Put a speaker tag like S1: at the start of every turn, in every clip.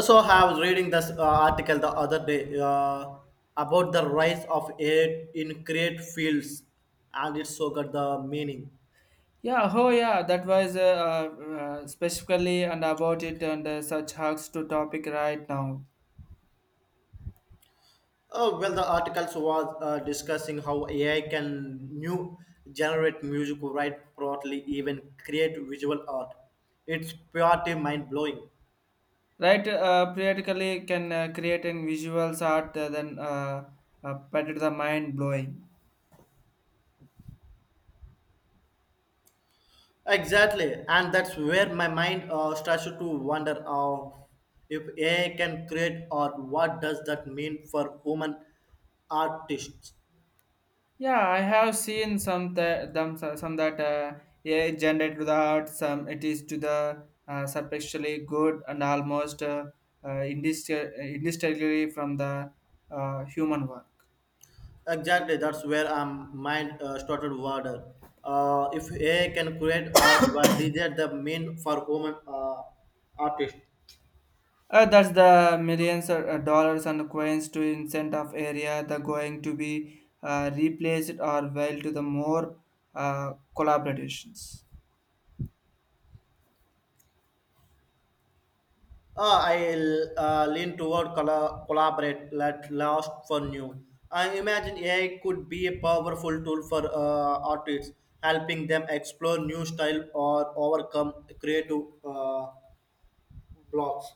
S1: So I was reading this article the other day about the rise of AI in create fields, and it so got the meaning.
S2: Yeah, oh yeah, that was specifically and about it and such hugs to topic right now.
S1: Oh, well, the articles was discussing how AI can new generate music, write properly, even create visual art. It's purely mind blowing.
S2: Right, periodically can create in visuals art then but it's the mind blowing.
S1: Exactly, and that's where my mind starts to wonder if AI can create art. What does that mean for human artists?
S2: Yeah, I have seen some that them some that AI generated to the art, some it is to the superficially good and almost indistinguishable from the human work.
S1: Exactly, that's where mind started water. If AI can create art, what is that the mean for women artist?
S2: That's the millions of dollars and coins to incent of area the going to be replaced or well to the more collaborations.
S1: I lean toward collaborate, let last for new. I imagine AI could be a powerful tool for artists, helping them explore new style or overcome creative blocks.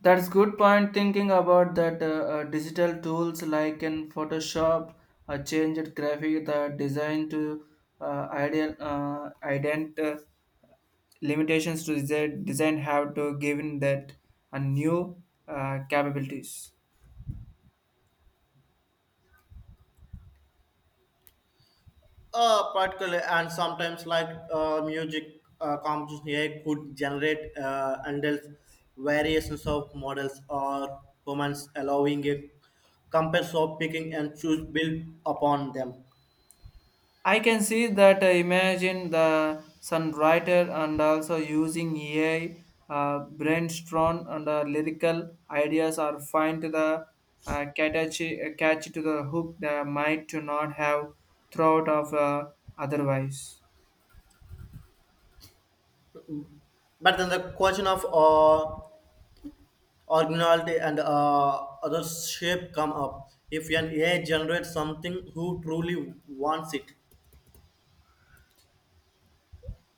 S2: That's good point thinking about that digital tools like in Photoshop changed graphic the design to ideal ident limitations to the design have to given that a new capabilities.
S1: Particular and sometimes like music composition AI could generate handles variations of models or humans allowing a compass of picking and choose built upon them.
S2: I can see that imagine the songwriter and also using AI brainstorm and lyrical ideas are find to the catchy, catchy to the hook that might to not have thought of otherwise.
S1: But then the question of originality and other shape come up. If an AI generates something, who truly wants it?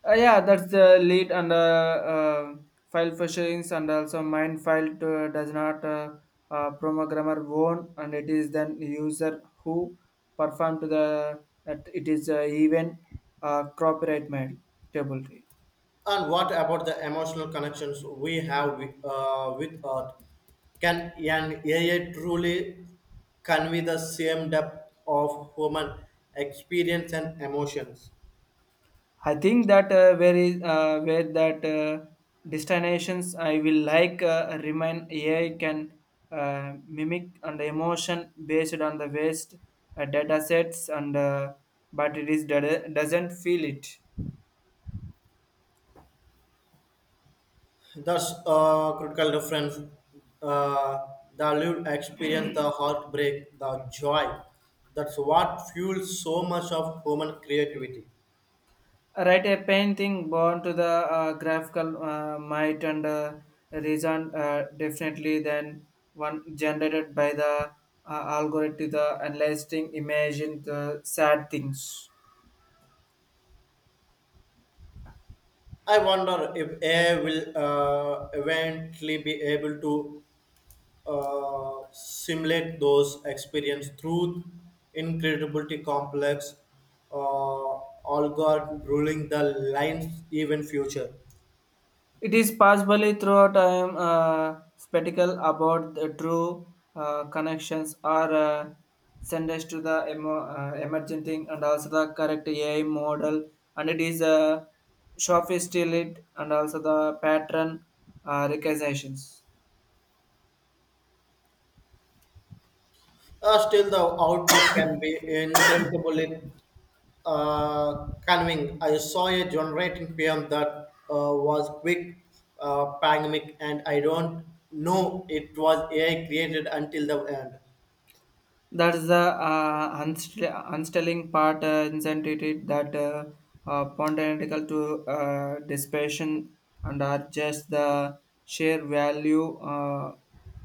S2: Yeah, that's the lead and file fisherings and also mind file to, does not programmer own and it is then user who perform to the at it is even copyright mail table.
S1: And what about the emotional connections we have with art? Can an AI truly convey the same depth of human experience and emotions?
S2: I think that where is where that destinations I will like remind AI can mimic and emotion based on the waste data sets and but it is data, doesn't feel it.
S1: Thus, a critical difference. Uh, the lived experience, the heartbreak, the joy. That's what fuels so much of human creativity.
S2: Write a painting born to the graphical might and reason definitely than one generated by the algorithm the analyzing imagine the sad things.
S1: I wonder if AI will eventually be able to simulate those experience through incredibly complex uh, algorithm ruling the lines even future.
S2: It is possibly throughout time spectacle about the true connections are sent us to the emergent and also the correct AI model and it is sophisticated and also the pattern recognitions.
S1: Still, the output can be incredibly convincing. I saw a generating PM that was quick, pandemic, and I don't know it was AI created until the end.
S2: That is the unstilling part, incentive that pontifical to dispersion and are just the sheer value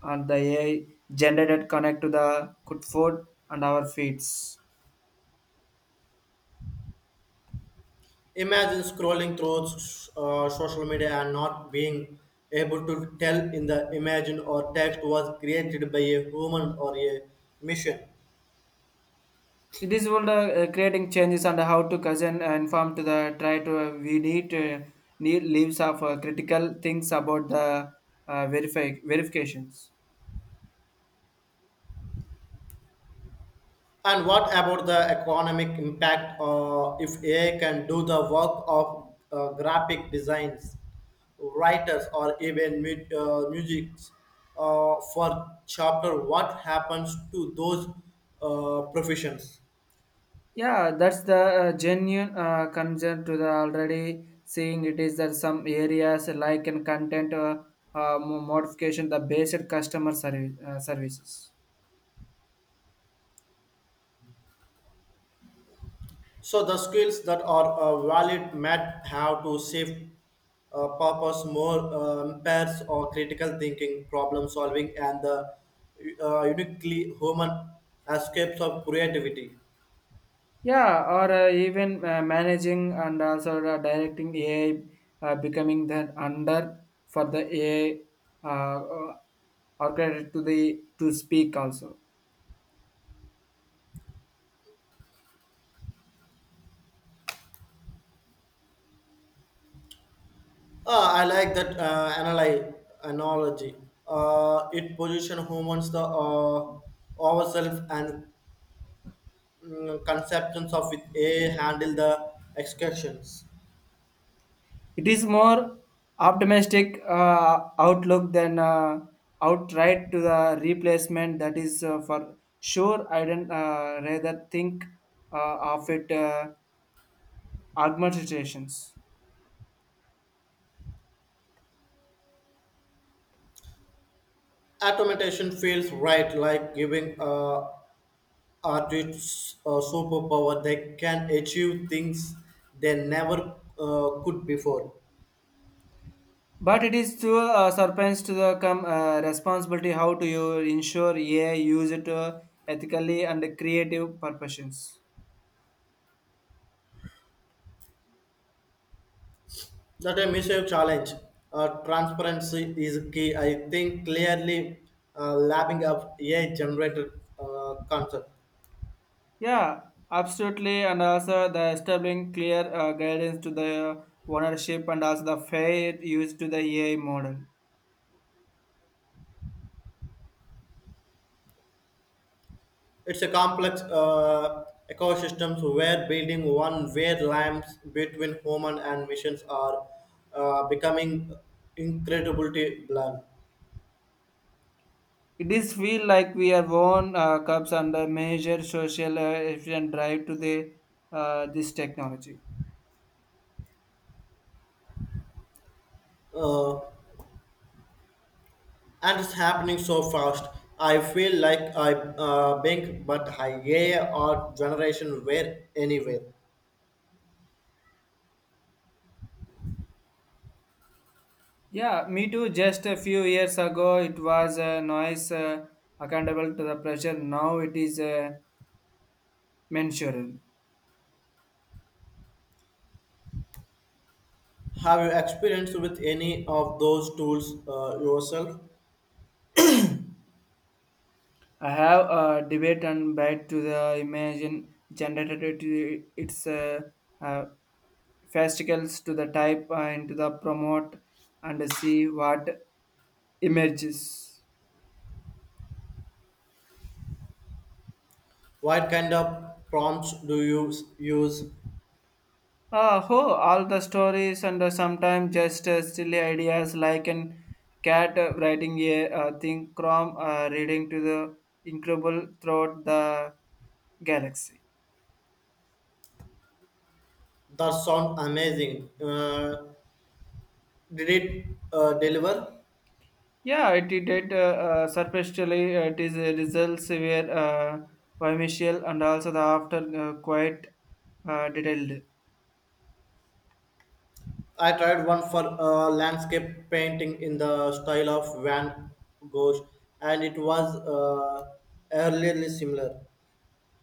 S2: and the AI generated connect to the good food and our feeds.
S1: Imagine scrolling through social media and not being able to tell in the image or text was created by a human or a machine.
S2: It is all the creating changes and how to cousin inform to the try to we need need leaves of critical things about the verify verifications.
S1: And what about the economic impact if AI can do the work of graphic designs, writers, or even music for chapter? What happens to those professions?
S2: Yeah, that's the genuine concern to the already seeing it is that some areas like in content modification the basic customer service, services.
S1: So the skills that are valid might have to shift purpose more pairs or critical thinking, problem solving, and the uniquely human escapes of creativity.
S2: Yeah, or even managing and also directing AI becoming that under for the AI uh, uh, or to the to speak also.
S1: I like that analogy. It positions humans the ourselves and conceptions of it a handle the excursions.
S2: It is more optimistic outlook than outright to the replacement. That is for sure. I don't rather think of it augmentations.
S1: Automation feels right, like giving. Artists superpower they can achieve things they never could before
S2: But it is to a surprise to the come responsibility how to you ensure AI use it ethically and creative purposes.
S1: that a massive challenge transparency is key I think clearly lapping up a I generated concept
S2: Yeah, absolutely. And also the establishing clear guidance to the ownership and also the fair use to the AI model.
S1: it's a complex ecosystems where building one where lines between human and machines are becoming incredibly blunt
S2: It is feel like we are own cups under major social efficient drive to the this technology.
S1: Uh, and it's happening so fast. I feel like I bank, but I AI or generation where anywhere.
S2: Yeah, me too. Just a few years ago, it was a noise accountable to the pressure. Now it is mensurable.
S1: Have you experienced with any of those tools yourself?
S2: I have a debate and back to the imagine generated to its uh, fascicles to the type and to the promote and see what emerges.
S1: What kind of prompts do you use?
S2: Ah, oh, all the stories and sometimes just silly ideas like an cat writing a thing from reading to the incredible throughout the galaxy.
S1: That sound amazing. Did it deliver?
S2: Yeah, it did. Superficially, it is results were vimicial and also the after quite detailed.
S1: I tried one for landscape painting in the style of Van Gogh, and it was eerily similar.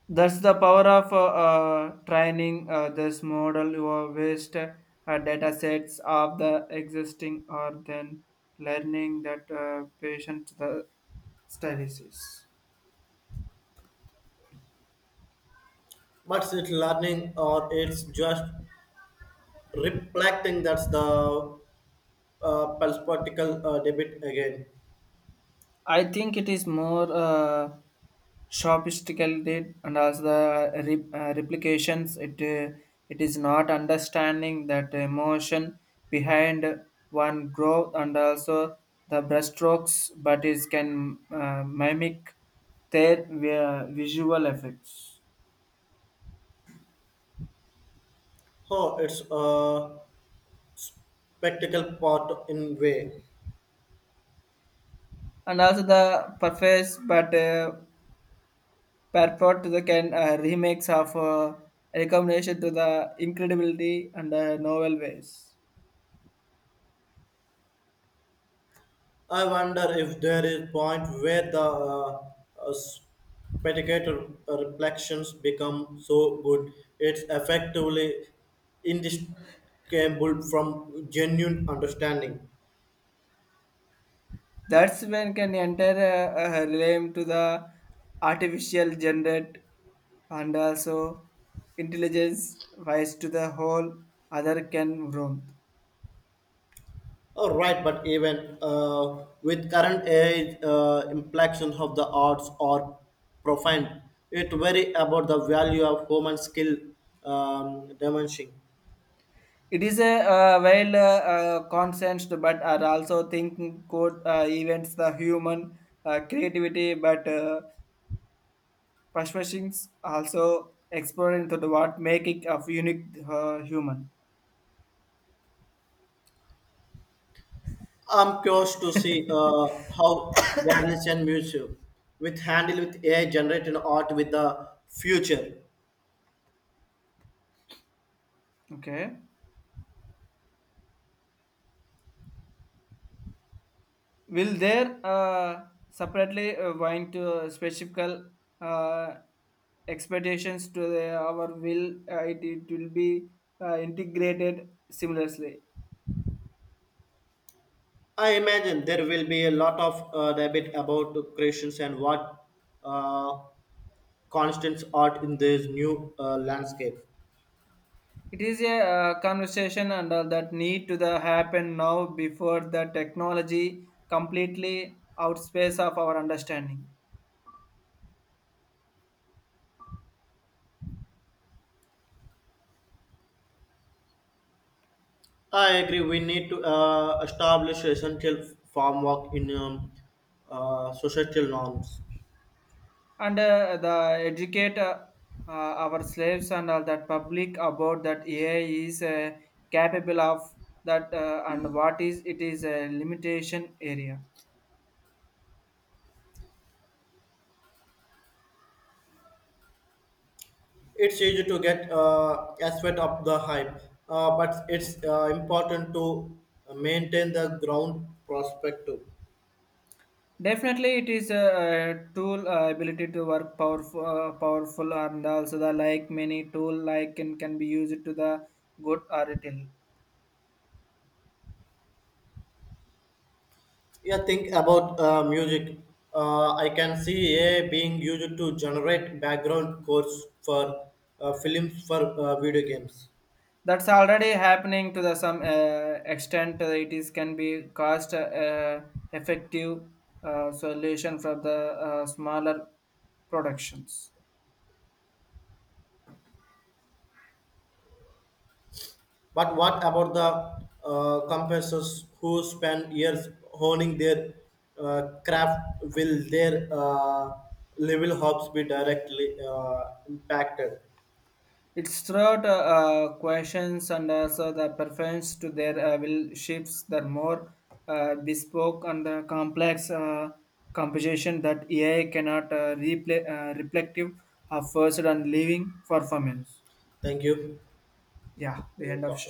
S2: That's the power of training this model or waste data sets of the existing or then learning that patient the studies.
S1: But it's learning or it's just reflecting that's the perspective debit again.
S2: I think it is more sophisticated and as the replications, it it is not understanding that emotion behind one growth and also the brushstrokes, but it can mimic their visual effects
S1: Oh, it's a practical part in way.
S2: and also the preface, but purport to the can remakes of recommendation to the incredibility and novel ways.
S1: I wonder if there is point where the uh, spectator reflections become so good it's effectively indistinguishable from genuine understanding.
S2: That's when can enter a relate to the artificial generate and also intelligence wise to the whole other can roam.
S1: Oh, right, but even with current age implications of the arts are profound, it very about the value of human skill dimension.
S2: It is a consensed but are also thinking code events the human creativity but persuasions also exploring to the what make it of unique human.
S1: I'm curious to see how galleries and museum with handle with AI generated art with the future.
S2: Okay. Will there separately going to specific uh, expectations to the, our will? It, it will be integrated seamlessly.
S1: I imagine there will be a lot of debate about the creations and what uh, constants art in this new landscape.
S2: It is a conversation and all that need to the happen now before the technology completely outspace of our understanding.
S1: I agree. We need to establish essential framework in societal norms.
S2: And the educate our slaves and all that public about that AI is capable of that and what is it is a limitation area.
S1: It's easy to get aspect of the hype, but it's important to maintain the ground perspective.
S2: Definitely, it is a, tool ability to work powerful, powerful, and also the like many tool like can be used to the good or ill.
S1: Yeah, think about music. I can see AI being used to generate background scores for films for video games.
S2: That's already happening to the some extent it is can be cost effective solution for the smaller productions.
S1: But what about the companies who spend years honing their craft? Will their level hopes be directly impacted?
S2: It's throughout questions and also the preference to their will shifts the more bespoke and complex composition that ai cannot replay reflective of first and leaving performance.
S1: Thank you.
S2: Yeah, the end of